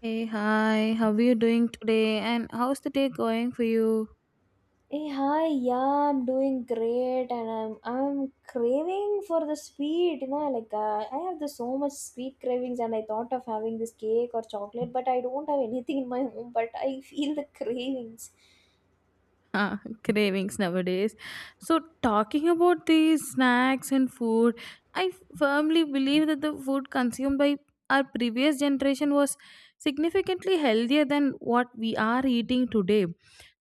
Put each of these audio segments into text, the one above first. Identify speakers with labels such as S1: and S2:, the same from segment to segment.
S1: Hey, hi, how are you doing today? And how's the day going for you?
S2: Hey, hi, yeah, I'm doing great and I'm craving for the sweet, like I have the so much sweet cravings and I thought of having this cake or chocolate, but I don't have anything in my home, but I feel the cravings.
S1: uh, Cravings nowadays. So, talking about these snacks and food, I firmly believe that the food consumed by our previous generation was significantly healthier than what we are eating today.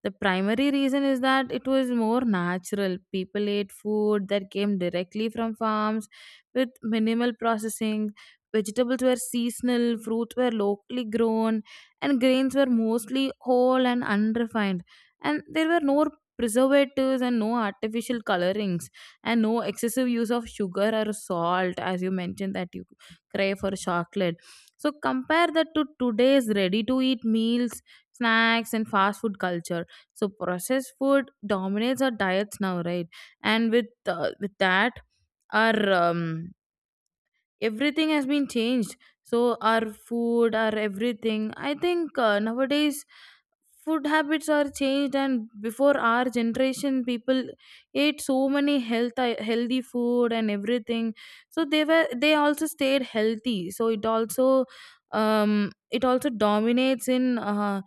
S1: The primary reason is that it was more natural. People ate food that came directly from farms with minimal processing. Vegetables were seasonal, fruits were locally grown, and grains were mostly whole and unrefined, and there were no preservatives and no artificial colorings and no excessive use of sugar or salt, as you mentioned that you crave for chocolate. So compare that to today's ready to eat meals, snacks, and fast food culture. So processed food dominates our diets now, right? And with that, our everything has been changed. So our food, our everything, I think nowadays food habits are changed. And before our generation, people ate so many healthy food and everything, so they also stayed healthy. So um it also dominates in uh,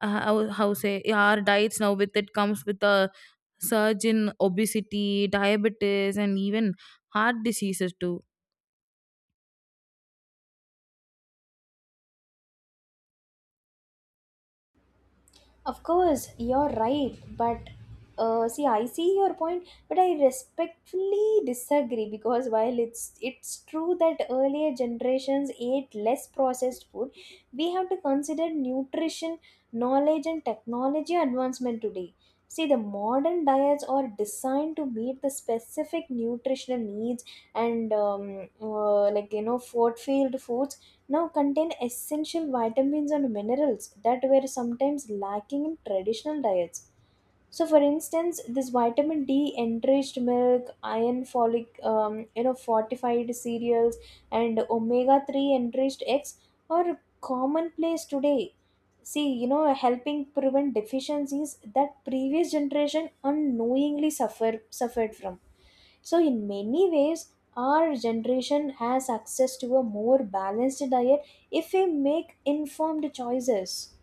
S1: uh, how, how say our diets now. With it comes with a surge in obesity, diabetes, and even heart diseases too.
S2: Of course, you're right, but see, I see your point, but I respectfully disagree because while it's true that earlier generations ate less processed food, we have to consider nutrition, knowledge, and technology advancement today. See, the modern diets are designed to meet the specific nutritional needs and like fortified foods now contain essential vitamins and minerals that were sometimes lacking in traditional diets. So, for instance, this vitamin D enriched milk, iron folic, fortified cereals, and omega 3 enriched eggs are commonplace today. See, helping prevent deficiencies that previous generation unknowingly suffered from. So, in many ways, our generation has access to a more balanced diet if we make informed choices.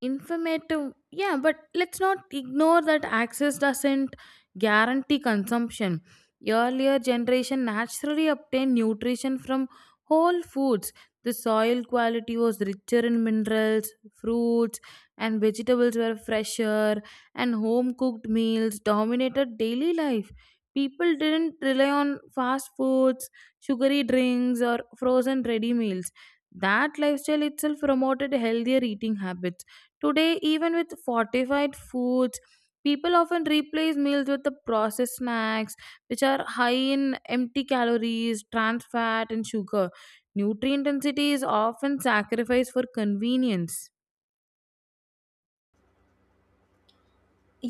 S1: Informative, yeah, but let's not ignore that access doesn't guarantee consumption. Earlier generation naturally obtained nutrition from whole foods. The soil quality was richer in minerals, fruits, and vegetables were fresher, and home cooked meals dominated daily life. People didn't rely on fast foods, sugary drinks, or frozen ready meals. That lifestyle itself promoted healthier eating habits. Today, even with fortified foods, people often replace meals with the processed snacks, which are high in empty calories, trans fat, and sugar. Nutrient intensity is often sacrificed for convenience.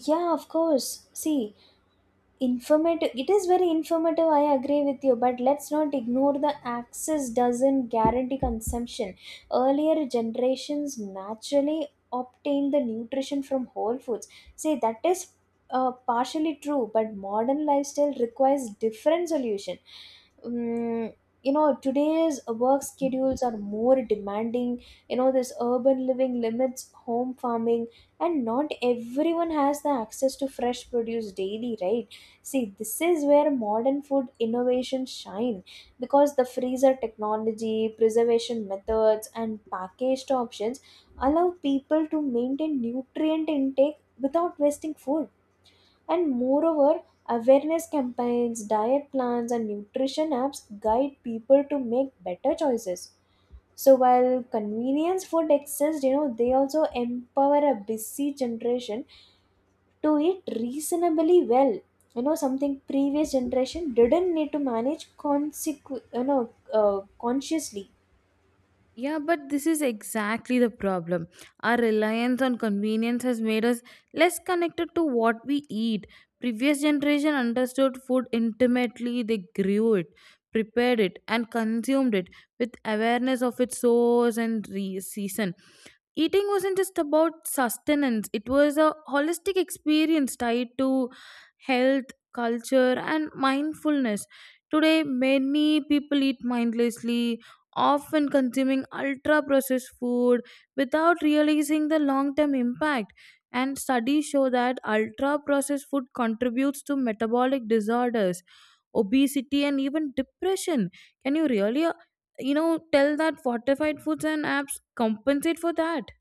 S2: Yeah, of course, see, informative, it is very informative, I agree with you, but let's not ignore the access doesn't guarantee consumption. Earlier generations naturally obtained the nutrition from whole foods. See, that is partially true, but modern lifestyle requires different solution. Mm, today's work schedules are more demanding. This urban living limits home farming and not everyone has the access to fresh produce daily, right? See, this is where modern food innovations shine because the freezer technology, preservation methods, and packaged options allow people to maintain nutrient intake without wasting food. And moreover, awareness campaigns, diet plans, and nutrition apps guide people to make better choices. So while convenience food exists, they also empower a busy generation to it reasonably well, something previous generation didn't need to manage uh, consciously.
S1: Yeah, but this is exactly the problem. Our reliance on convenience has made us less connected to what we eat. Previous generation understood food intimately. They grew it, prepared it, and consumed it with awareness of its source and season. Eating wasn't just about sustenance. It was a holistic experience tied to health, culture, and mindfulness. Today many people eat mindlessly, often consuming ultra processed food without realizing the long term impact. And studies show that ultra processed food contributes to metabolic disorders, obesity, and even depression. Can you really tell that fortified foods and apps compensate for that?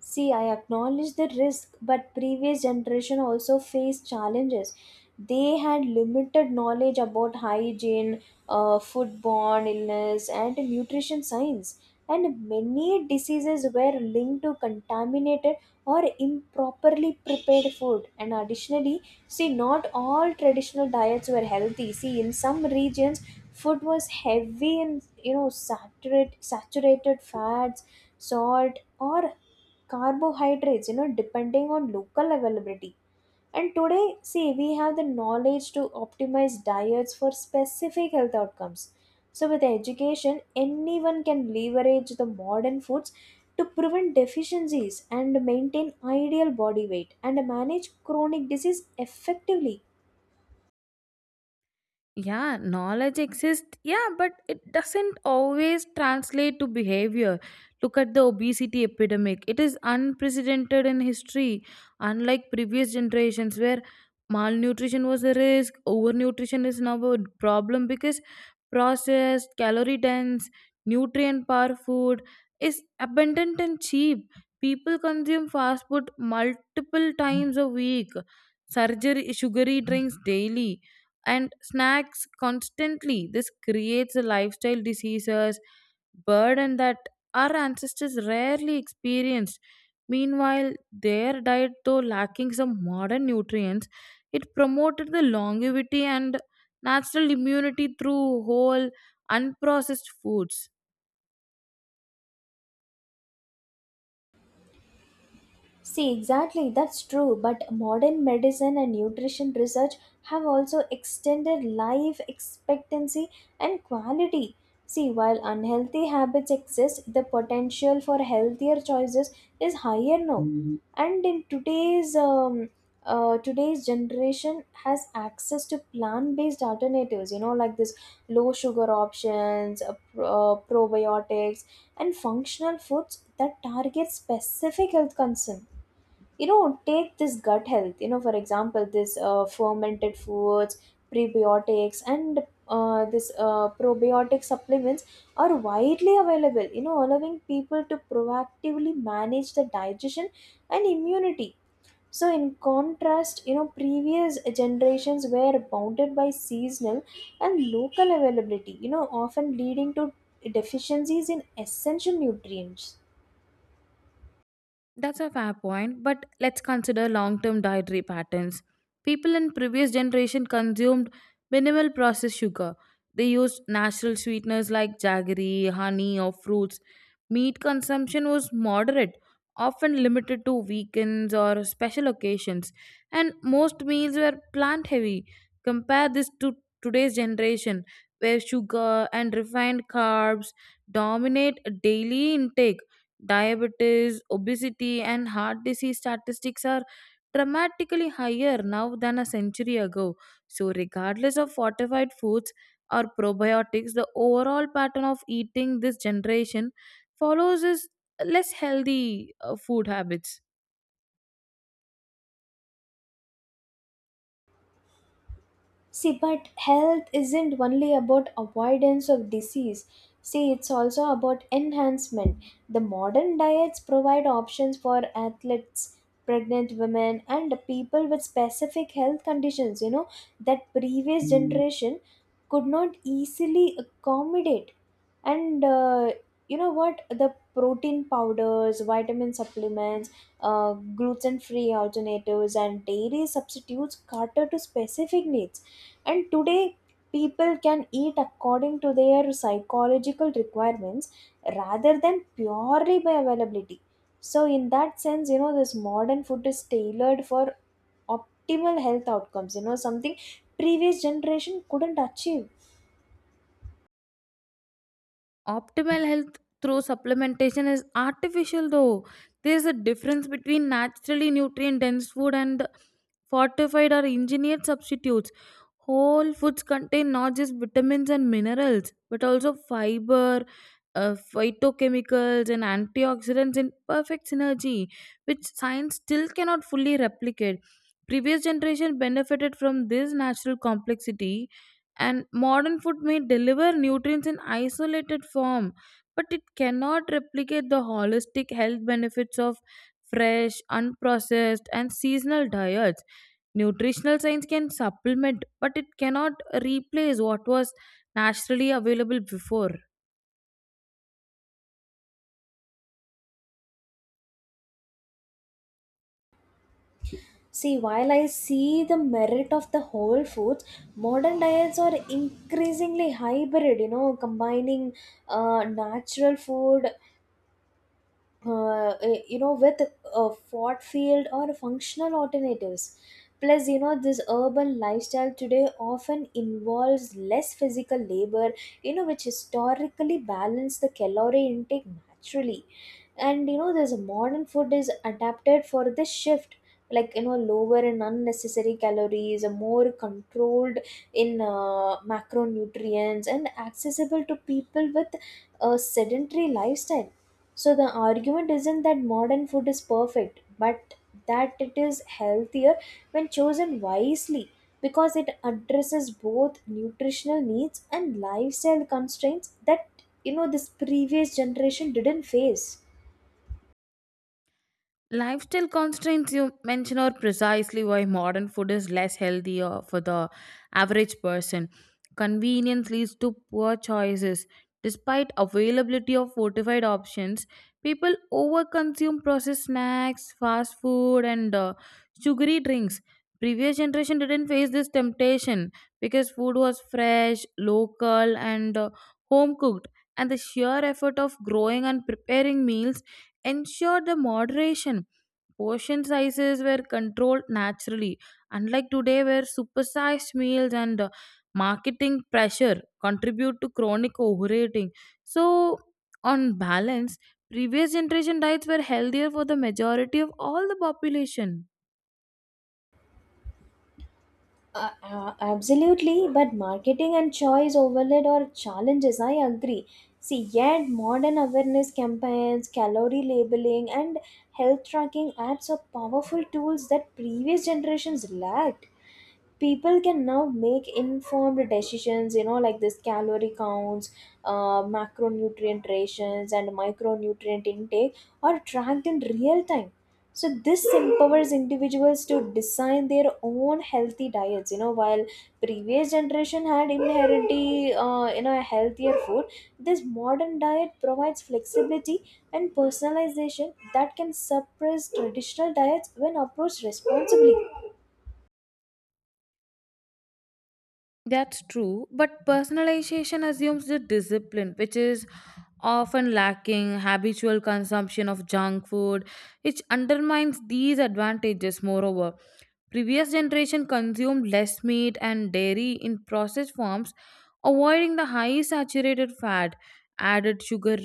S2: See, I acknowledge the risk, but previous generation also faced challenges. They had limited knowledge about hygiene, foodborne illness, and nutrition science, and many diseases were linked to contaminated or improperly prepared food. And additionally, see, not all traditional diets were healthy. See, in some regions, food was heavy in saturated fats, salt, or carbohydrates, depending on local availability. And today, see, we have the knowledge to optimize diets for specific health outcomes, so with education anyone can leverage the modern foods to prevent deficiencies and maintain ideal body weight and manage chronic disease effectively.
S1: Yeah, knowledge exists, yeah, but it doesn't always translate to behavior. Look at the obesity epidemic. It is unprecedented in history. Unlike previous generations where malnutrition was a risk, overnutrition is now a problem because processed, calorie dense, nutrient poor food is abundant and cheap. People consume fast food multiple times a week, surgery, sugary drinks daily, and snacks constantly. This creates a lifestyle diseases burden that our ancestors rarely experienced. Meanwhile, their diet, though lacking some modern nutrients, it promoted the longevity and natural immunity through whole unprocessed foods.
S2: See, exactly, that's true. But modern medicine and nutrition research have also extended life expectancy and quality. See, while unhealthy habits exist, the potential for healthier choices is higher now. Mhm. And in today's generation has access to plant-based alternatives. Like this low sugar options, probiotics, and functional foods that target specific health concerns. Take this gut health, for example this fermented foods, prebiotics and this probiotic supplements are widely available, allowing people to proactively manage the digestion and immunity. So in contrast, previous generations were bounded by seasonal and local availability, often leading to deficiencies in essential nutrients.
S1: That's a fair point, but let's consider long-term dietary patterns. People in previous generation consumed minimal processed sugar. They used natural sweeteners like jaggery, honey, or fruits. Meat consumption was moderate, often limited to weekends or special occasions, and most meals were plant heavy. Compare this to today's generation where sugar and refined carbs dominate daily intake. Diabetes, obesity, and heart disease statistics are dramatically higher now than a century ago. So, regardless of fortified foods or probiotics, the overall pattern of eating this generation follows is less healthy food habits.
S2: See, but health isn't only about avoidance of disease. See, it's also about enhancement. The modern diets provide options for athletes, pregnant women, and people with specific health conditions, that previous generation could not easily accommodate. And you know what? The protein powders, vitamin supplements, gluten free alternatives, and dairy substitutes cater to specific needs and today, people can eat according to their psychological requirements rather than purely by availability. So, in that sense, this modern food is tailored for optimal health outcomes, something previous generation couldn't achieve.
S1: Optimal health through supplementation is artificial, though. There is a difference between naturally nutrient dense food and fortified or engineered substitutes. Whole foods contain not just vitamins and minerals but also fiber, phytochemicals, and antioxidants in perfect synergy, which science still cannot fully replicate. Previous generation benefited from this natural complexity, and modern food may deliver nutrients in isolated form but it cannot replicate the holistic health benefits of fresh unprocessed and seasonal diets. Nutritional science can supplement, but it cannot replace what was naturally available before.
S2: See, while I see the merit of the whole foods, modern diets are increasingly hybrid, combining natural food with a fort field or functional alternatives. Plus this urban lifestyle today often involves less physical labor, which historically balance the calorie intake naturally. And this modern food is adapted for this shift, like lower and unnecessary calories, a more controlled in macronutrients and accessible to people with a sedentary lifestyle. So the argument isn't that modern food is perfect, but that it is healthier when chosen wisely because it addresses both nutritional needs and lifestyle constraints that this previous generation didn't face.
S1: Lifestyle constraints you mention are precisely why modern food is less healthy for the average person. Convenience leads to poor choices. Despite availability of fortified options, people overconsume processed snacks, fast food, and sugary drinks. Previous generation didn't face this temptation because food was fresh, local, and home cooked, and the sheer effort of growing and preparing meals ensured the moderation. Portion sizes were controlled naturally, unlike today, where supersized meals and marketing pressure contribute to chronic overeating. So, on balance, previous generation diets were healthier for the majority of all the population.
S2: Absolutely, but marketing and choice overload are challenges, I agree. See, yet modern awareness campaigns, calorie labeling, and health tracking apps are powerful tools that previous generations lacked. People can now make informed decisions, like this calorie counts, macronutrient rations, and micronutrient intake are tracked in real time. So this empowers individuals to design their own healthy diets, while previous generation had inherently a healthier food, this modern diet provides flexibility and personalization that can suppress traditional diets when approached responsibly.
S1: That's true, but personalization assumes the discipline, which is often lacking habitual consumption of junk food, which undermines these advantages, moreover. Previous generation consumed less meat and dairy in processed forms, avoiding the high saturated fat, added sugar,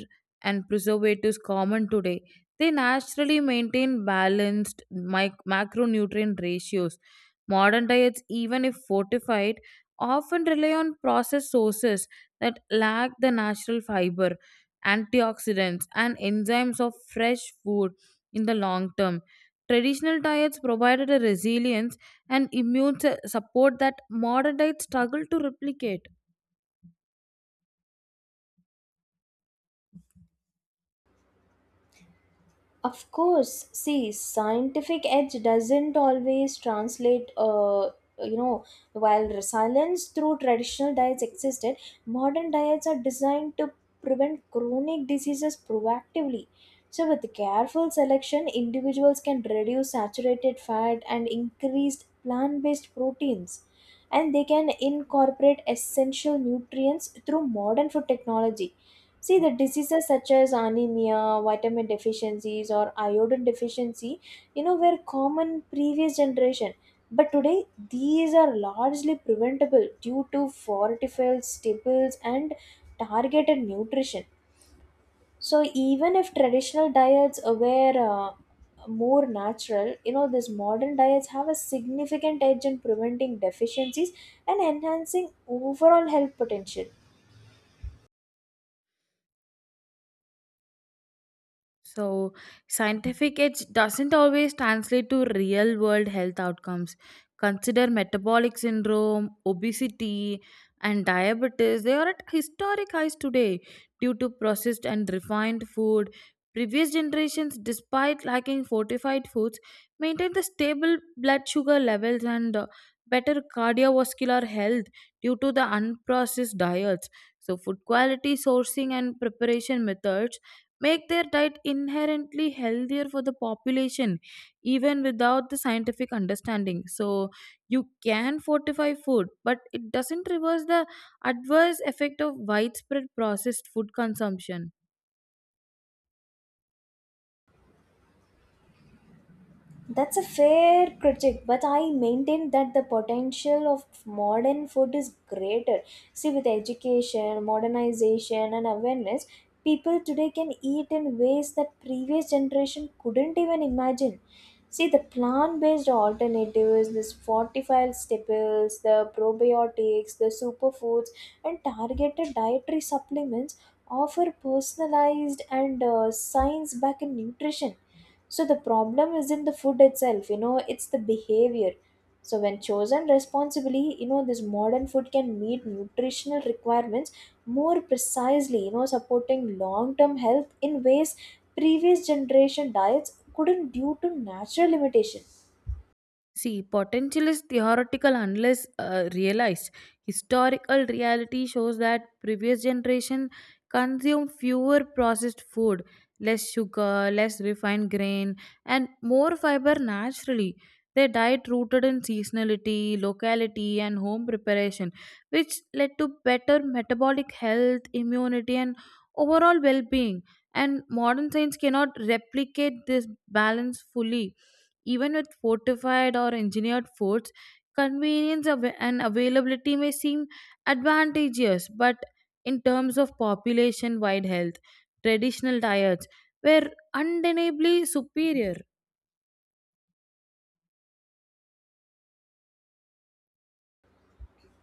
S1: and preservatives common today. They naturally maintain balanced macronutrient ratios. Modern diets, even if fortified, often rely on processed sources that lack the natural fiber, antioxidants, and enzymes of fresh food in the long term. Traditional diets provided a resilience and immune support that modern diets struggle to replicate.
S2: Of course, see, scientific edge doesn't always translate, you know, while resilience through traditional diets existed, modern diets are designed to prevent chronic diseases proactively. So, with careful selection, individuals can reduce saturated fat and increased plant based proteins. And they can incorporate essential nutrients through modern food technology. See, the diseases such as anemia, vitamin deficiencies, or iodine deficiency, were common previous generation. But today, these are largely preventable due to fortified staples and targeted nutrition. So, even if traditional diets were more natural, these modern diets have a significant edge in preventing deficiencies and enhancing overall health potential.
S1: So, scientific edge doesn't always translate to real world health outcomes. Consider metabolic syndrome, obesity, and diabetes. They are at historic highs today due to processed and refined food. Previous generations, despite lacking fortified foods, maintained the stable blood sugar levels and better cardiovascular health due to the unprocessed diets. So, food quality, sourcing, and preparation methods make their diet inherently healthier for the population even without the scientific understanding. So you can fortify food, but it doesn't reverse the adverse effect of widespread processed food consumption.
S2: That's a fair critique, but I maintain that the potential of modern food is greater. See, with education, modernization, and awareness, people today can eat in ways that previous generation couldn't even imagine. See, the plant-based alternatives, this fortified staples, the probiotics, the superfoods, and targeted dietary supplements offer personalized and science-backed nutrition. So the problem isn't the food itself, it's the behavior. So when chosen responsibly, this modern food can meet nutritional requirements more precisely, supporting long-term health in ways previous generation diets couldn't due to natural limitation.
S1: See, potential is theoretical unless realized. Historical reality shows that previous generation consumed fewer processed food, less sugar, less refined grain, and more fiber naturally. Their diet rooted in seasonality, locality, and home preparation, which led to better metabolic health, immunity, and overall well-being. And modern science cannot replicate this balance fully even with fortified or engineered forts. Convenience and availability may seem advantageous, but in terms of population wide health, traditional diets were undeniably superior.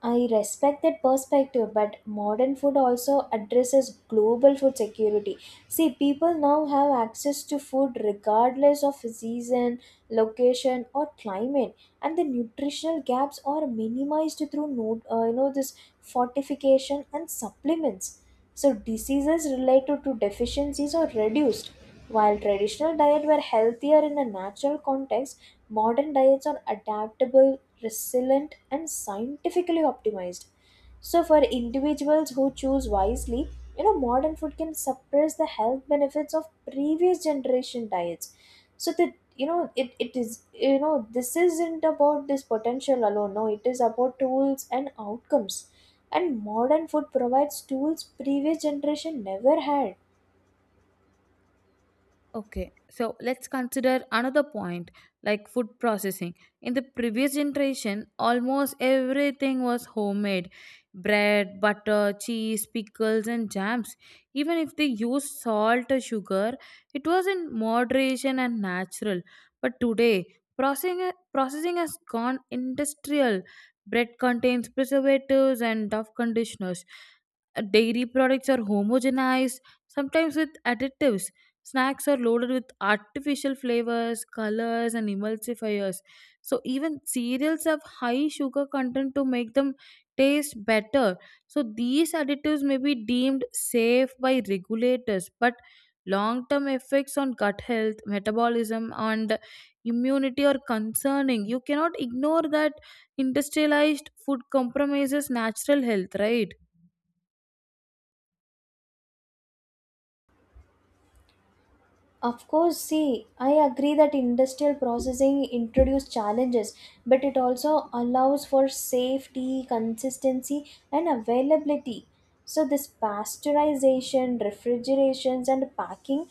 S2: I respect that perspective, but modern food also addresses global food security. See, people now have access to food regardless of season, location, or climate, and the nutritional gaps are minimized through no, this fortification and supplements. So diseases related to deficiencies are reduced. While traditional diets were healthier in a natural context, modern diets are adaptable, resilient, and scientifically optimized. So, for individuals who choose wisely, modern food can suppress the health benefits of previous generation diets. So that it is, this isn't about this potential alone. No, it is about tools and outcomes. And modern food provides tools previous generation never had.
S1: Okay, so let's consider another point like food processing. In the previous generation, almost everything was homemade bread, butter, cheese, pickles, and jams. Even if they used salt or sugar, it was in moderation and natural. But today, processing has gone industrial. Bread contains preservatives and tough conditioners. Dairy products are homogenized, sometimes with additives. Snacks are loaded with artificial flavors, colors, and emulsifiers. So even cereals have high sugar content to make them taste better. So these additives may be deemed safe by regulators, but long-term effects on gut health, metabolism, and immunity are concerning. You cannot ignore that industrialized food compromises natural health, right?
S2: Of course, see, I agree that industrial processing introduces challenges, but it also allows for safety, consistency, and availability. So, this pasteurization, refrigerations, and packing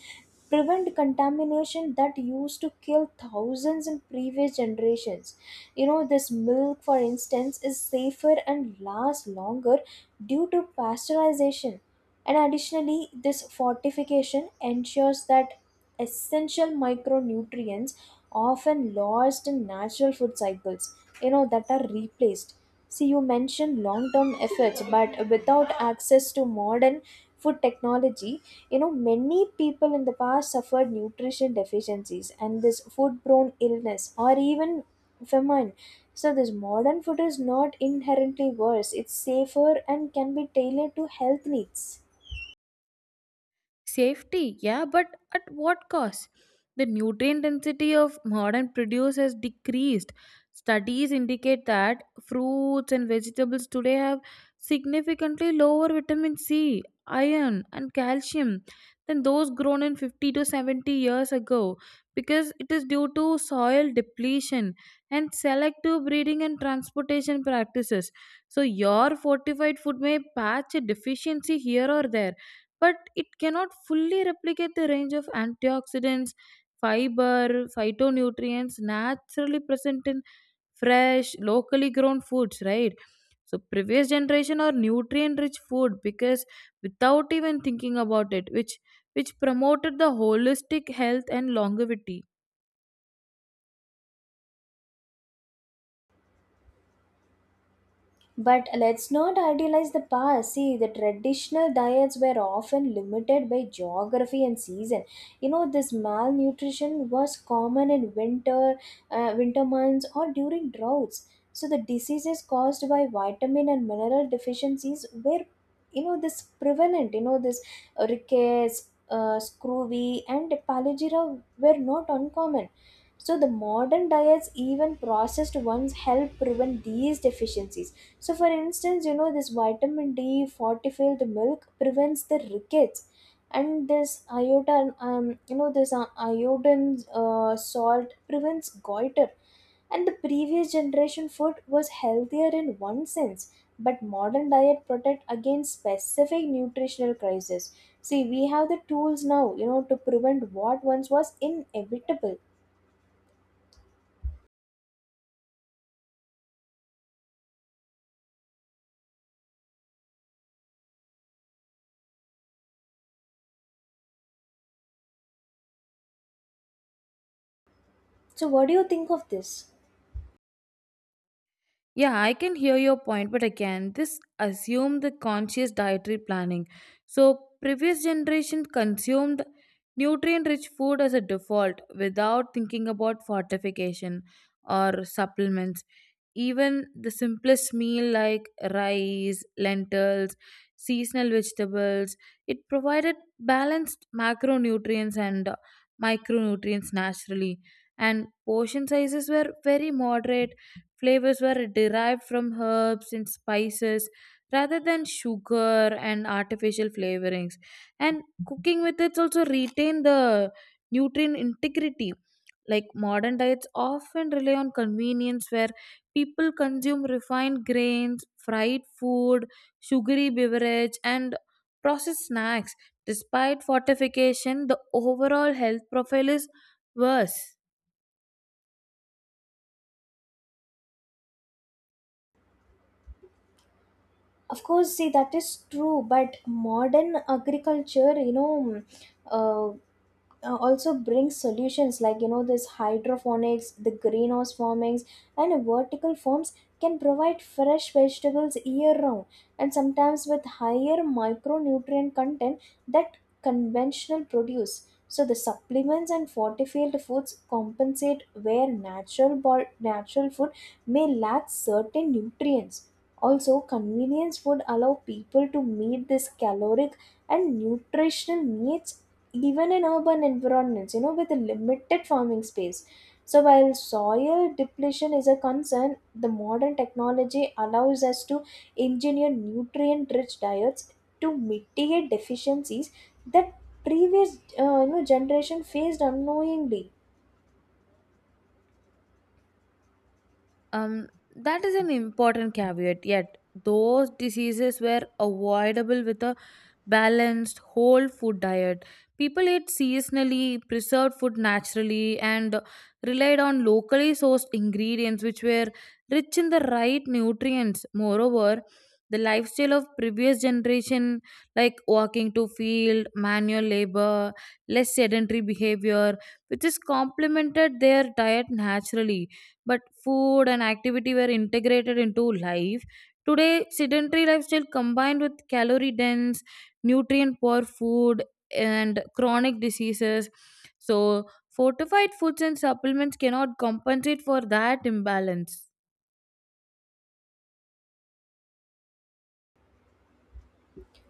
S2: prevent contamination that used to kill thousands in previous generations. This milk, for instance, is safer and lasts longer due to pasteurization. And additionally, this fortification ensures that essential micronutrients, often lost in natural food cycles, that are replaced. See, you mentioned long term efforts, but without access to modern food technology, many people in the past suffered nutrition deficiencies and this food borne illness or even famine. So this modern food is not inherently worse. It's safer and can be tailored to health needs.
S1: Safety, yeah, but at what cost? The nutrient density of modern produce has decreased. Studies indicate that fruits and vegetables today have significantly lower vitamin C, iron, and calcium than those grown in 50 to 70 years ago because it is due to soil depletion and selective breeding and transportation practices. So, your fortified food may patch a deficiency here or there, but it cannot fully replicate the range of antioxidants, fiber, phytonutrients naturally present in fresh, locally grown foods, right? So previous generation or nutrient rich food because without even thinking about it, which promoted the holistic health and longevity.
S2: But let's not idealize the past. See, the traditional diets were often limited by geography and season. This malnutrition was common in winter months, or during droughts. So the diseases caused by vitamin and mineral deficiencies were, this prevalent. This rickets, scurvy, and palagira were not uncommon. So the modern diets, even processed ones, help prevent these deficiencies. So, for instance, this vitamin D fortified milk prevents the rickets, and this iodine salt prevents goiter. And the previous generation food was healthier in one sense, but modern diet protect against specific nutritional crisis. See, we have the tools now, to prevent what once was inevitable. So, what do you think of this?
S1: Yeah, I can hear your point, but again, this assume the conscious dietary planning. So previous generation consumed nutrient-rich food as a default without thinking about fortification or supplements. Even the simplest meal like rice, lentils, seasonal vegetables, it provided balanced macronutrients and micronutrients naturally. And portion sizes were very moderate. Flavors were derived from herbs and spices rather than sugar and artificial flavorings. And cooking methods also retain the nutrient integrity. Like modern diets often rely on convenience where people consume refined grains, fried food, sugary beverage, and processed snacks. Despite fortification, the overall health profile is worse.
S2: Of course, see, that is true, but modern agriculture, uh, also brings solutions like this hydroponics, the greenhouse farmings and vertical farms can provide fresh vegetables year round and sometimes with higher micronutrient content that conventional produce. So the supplements and fortified foods compensate where natural food may lack certain nutrients. Also, convenience would allow people to meet this caloric and nutritional needs even in urban environments, with a limited farming space. So, while soil depletion is a concern, the modern technology allows us to engineer nutrient rich diets to mitigate deficiencies that previous generation faced unknowingly.
S1: Um, that is an important caveat. Yet those diseases were avoidable with a balanced whole food diet. People ate seasonally, preserved food naturally, and relied on locally sourced ingredients which were rich in the right nutrients. Moreover, the lifestyle of previous generation like walking to field manual labor, less sedentary behavior, which is complemented their diet naturally, but food and activity were integrated into life. Today sedentary lifestyle combined with calorie dense nutrient poor food and chronic diseases, so fortified foods and supplements cannot compensate for that imbalance.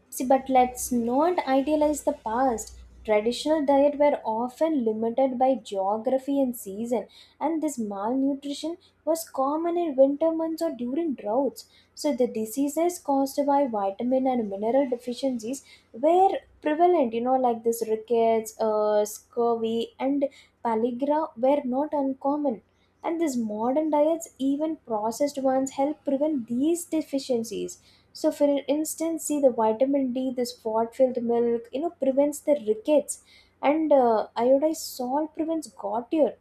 S2: See, but let's not idealize the past. Traditional diet were often limited by geography and season, and this malnutrition was common in winter months or during droughts. So, the diseases caused by vitamin and mineral deficiencies were prevalent, like this rickets, scurvy, and pellagra were not uncommon. And these modern diets, even processed ones, help prevent these deficiencies. So, for instance, see the vitamin D, this fat filled milk, prevents the rickets, and iodized salt prevents goiter.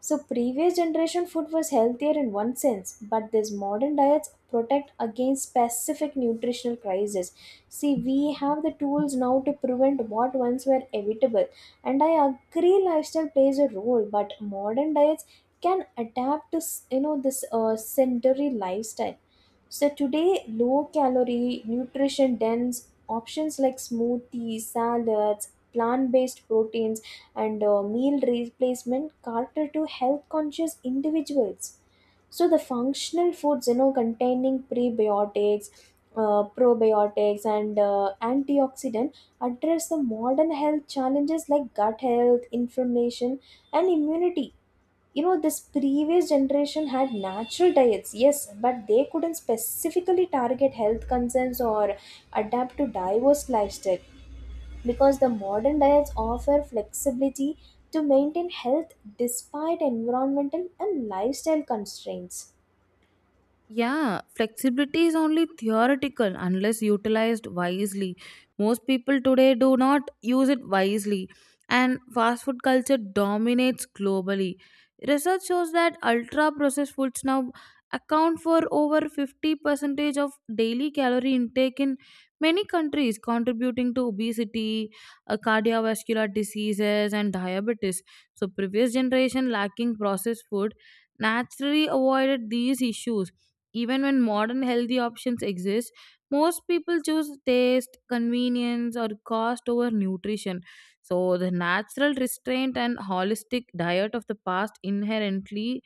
S2: So previous generation food was healthier in one sense, but these modern diets protect against specific nutritional crises. See, we have the tools now to prevent what once were evitable. And I agree lifestyle plays a role, but modern diets can adapt to this sedentary lifestyle. So today, low calorie, nutrition dense options like smoothies, salads, plant based proteins and meal replacement cater to health conscious individuals. So the functional foods containing prebiotics, probiotics and antioxidant address the modern health challenges like gut health, inflammation and immunity. This previous generation had natural diets, yes, but they couldn't specifically target health concerns or adapt to diverse lifestyle because the modern diets offer flexibility to maintain health despite environmental and lifestyle constraints.
S1: Yeah, flexibility is only theoretical unless utilized wisely. Most people today do not use it wisely, and fast food culture dominates globally. Research shows that ultra processed foods now account for over 50 percentage of daily calorie intake in many countries, contributing to obesity, cardiovascular diseases, and diabetes. So, previous generation lacking processed food naturally avoided these issues. Even when modern healthy options exist, most people choose taste, convenience, or cost over nutrition. So, the natural restraint and holistic diet of the past inherently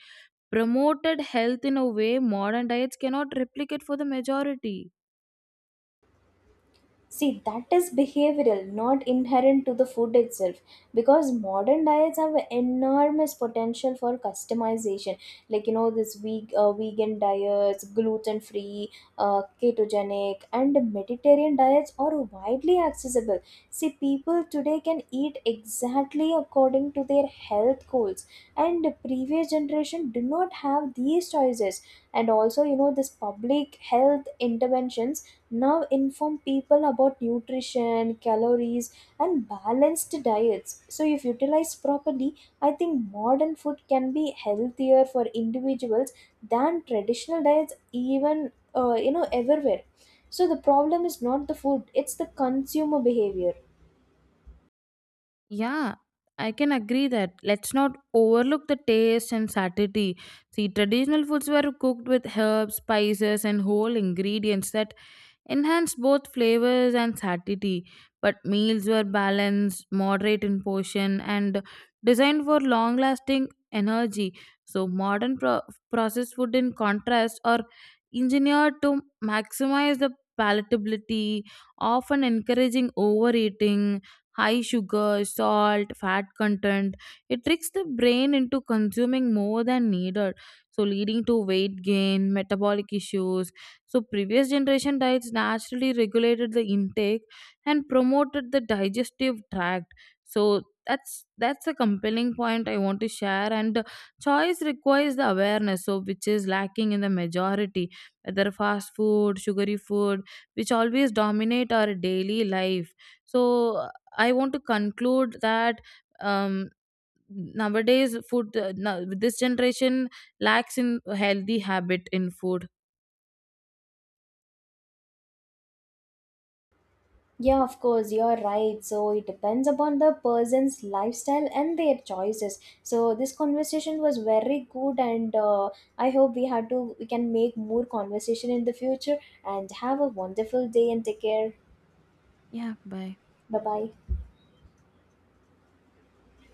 S1: promoted health in a way modern diets cannot replicate for the majority.
S2: See, that is behavioral, not inherent to the food itself. Because modern diets have enormous potential for customization. Like, this vegan diets, gluten free, ketogenic, and Mediterranean diets are widely accessible. See, people today can eat exactly according to their health goals, and the previous generation did not have these choices. And also, this public health interventions now inform people about nutrition, calories and balanced diets, so if utilized properly I think modern food can be healthier for individuals than traditional diets even everywhere. So the problem is not the food, it's the consumer behavior.
S1: Yeah, I can agree that. Let's not overlook the taste and satiety. See, traditional foods were cooked with herbs, spices, and whole ingredients that enhanced both flavors and satisty. But meals were balanced, moderate in portion, and designed for long lasting energy. So, modern processed food, in contrast, are engineered to maximize the palatability, often encouraging overeating. High sugar, salt, fat content. It tricks the brain into consuming more than needed, so leading to weight gain, metabolic issues. So previous generation diets naturally regulated the intake and promoted the digestive tract. So that's a compelling point I want to share, and choice requires the awareness, so which is lacking in the majority, whether fast food, sugary food, which always dominate our daily life. So I want to conclude that um, nowadays food now, this generation lacks in healthy habit in food.
S2: Yeah, of course, you're right. So it depends upon the person's lifestyle and their choices. So this conversation was very good, and I hope we had to we can make more conversation in the future. And have a wonderful day and take care.
S1: Yeah, bye.
S2: Bye bye.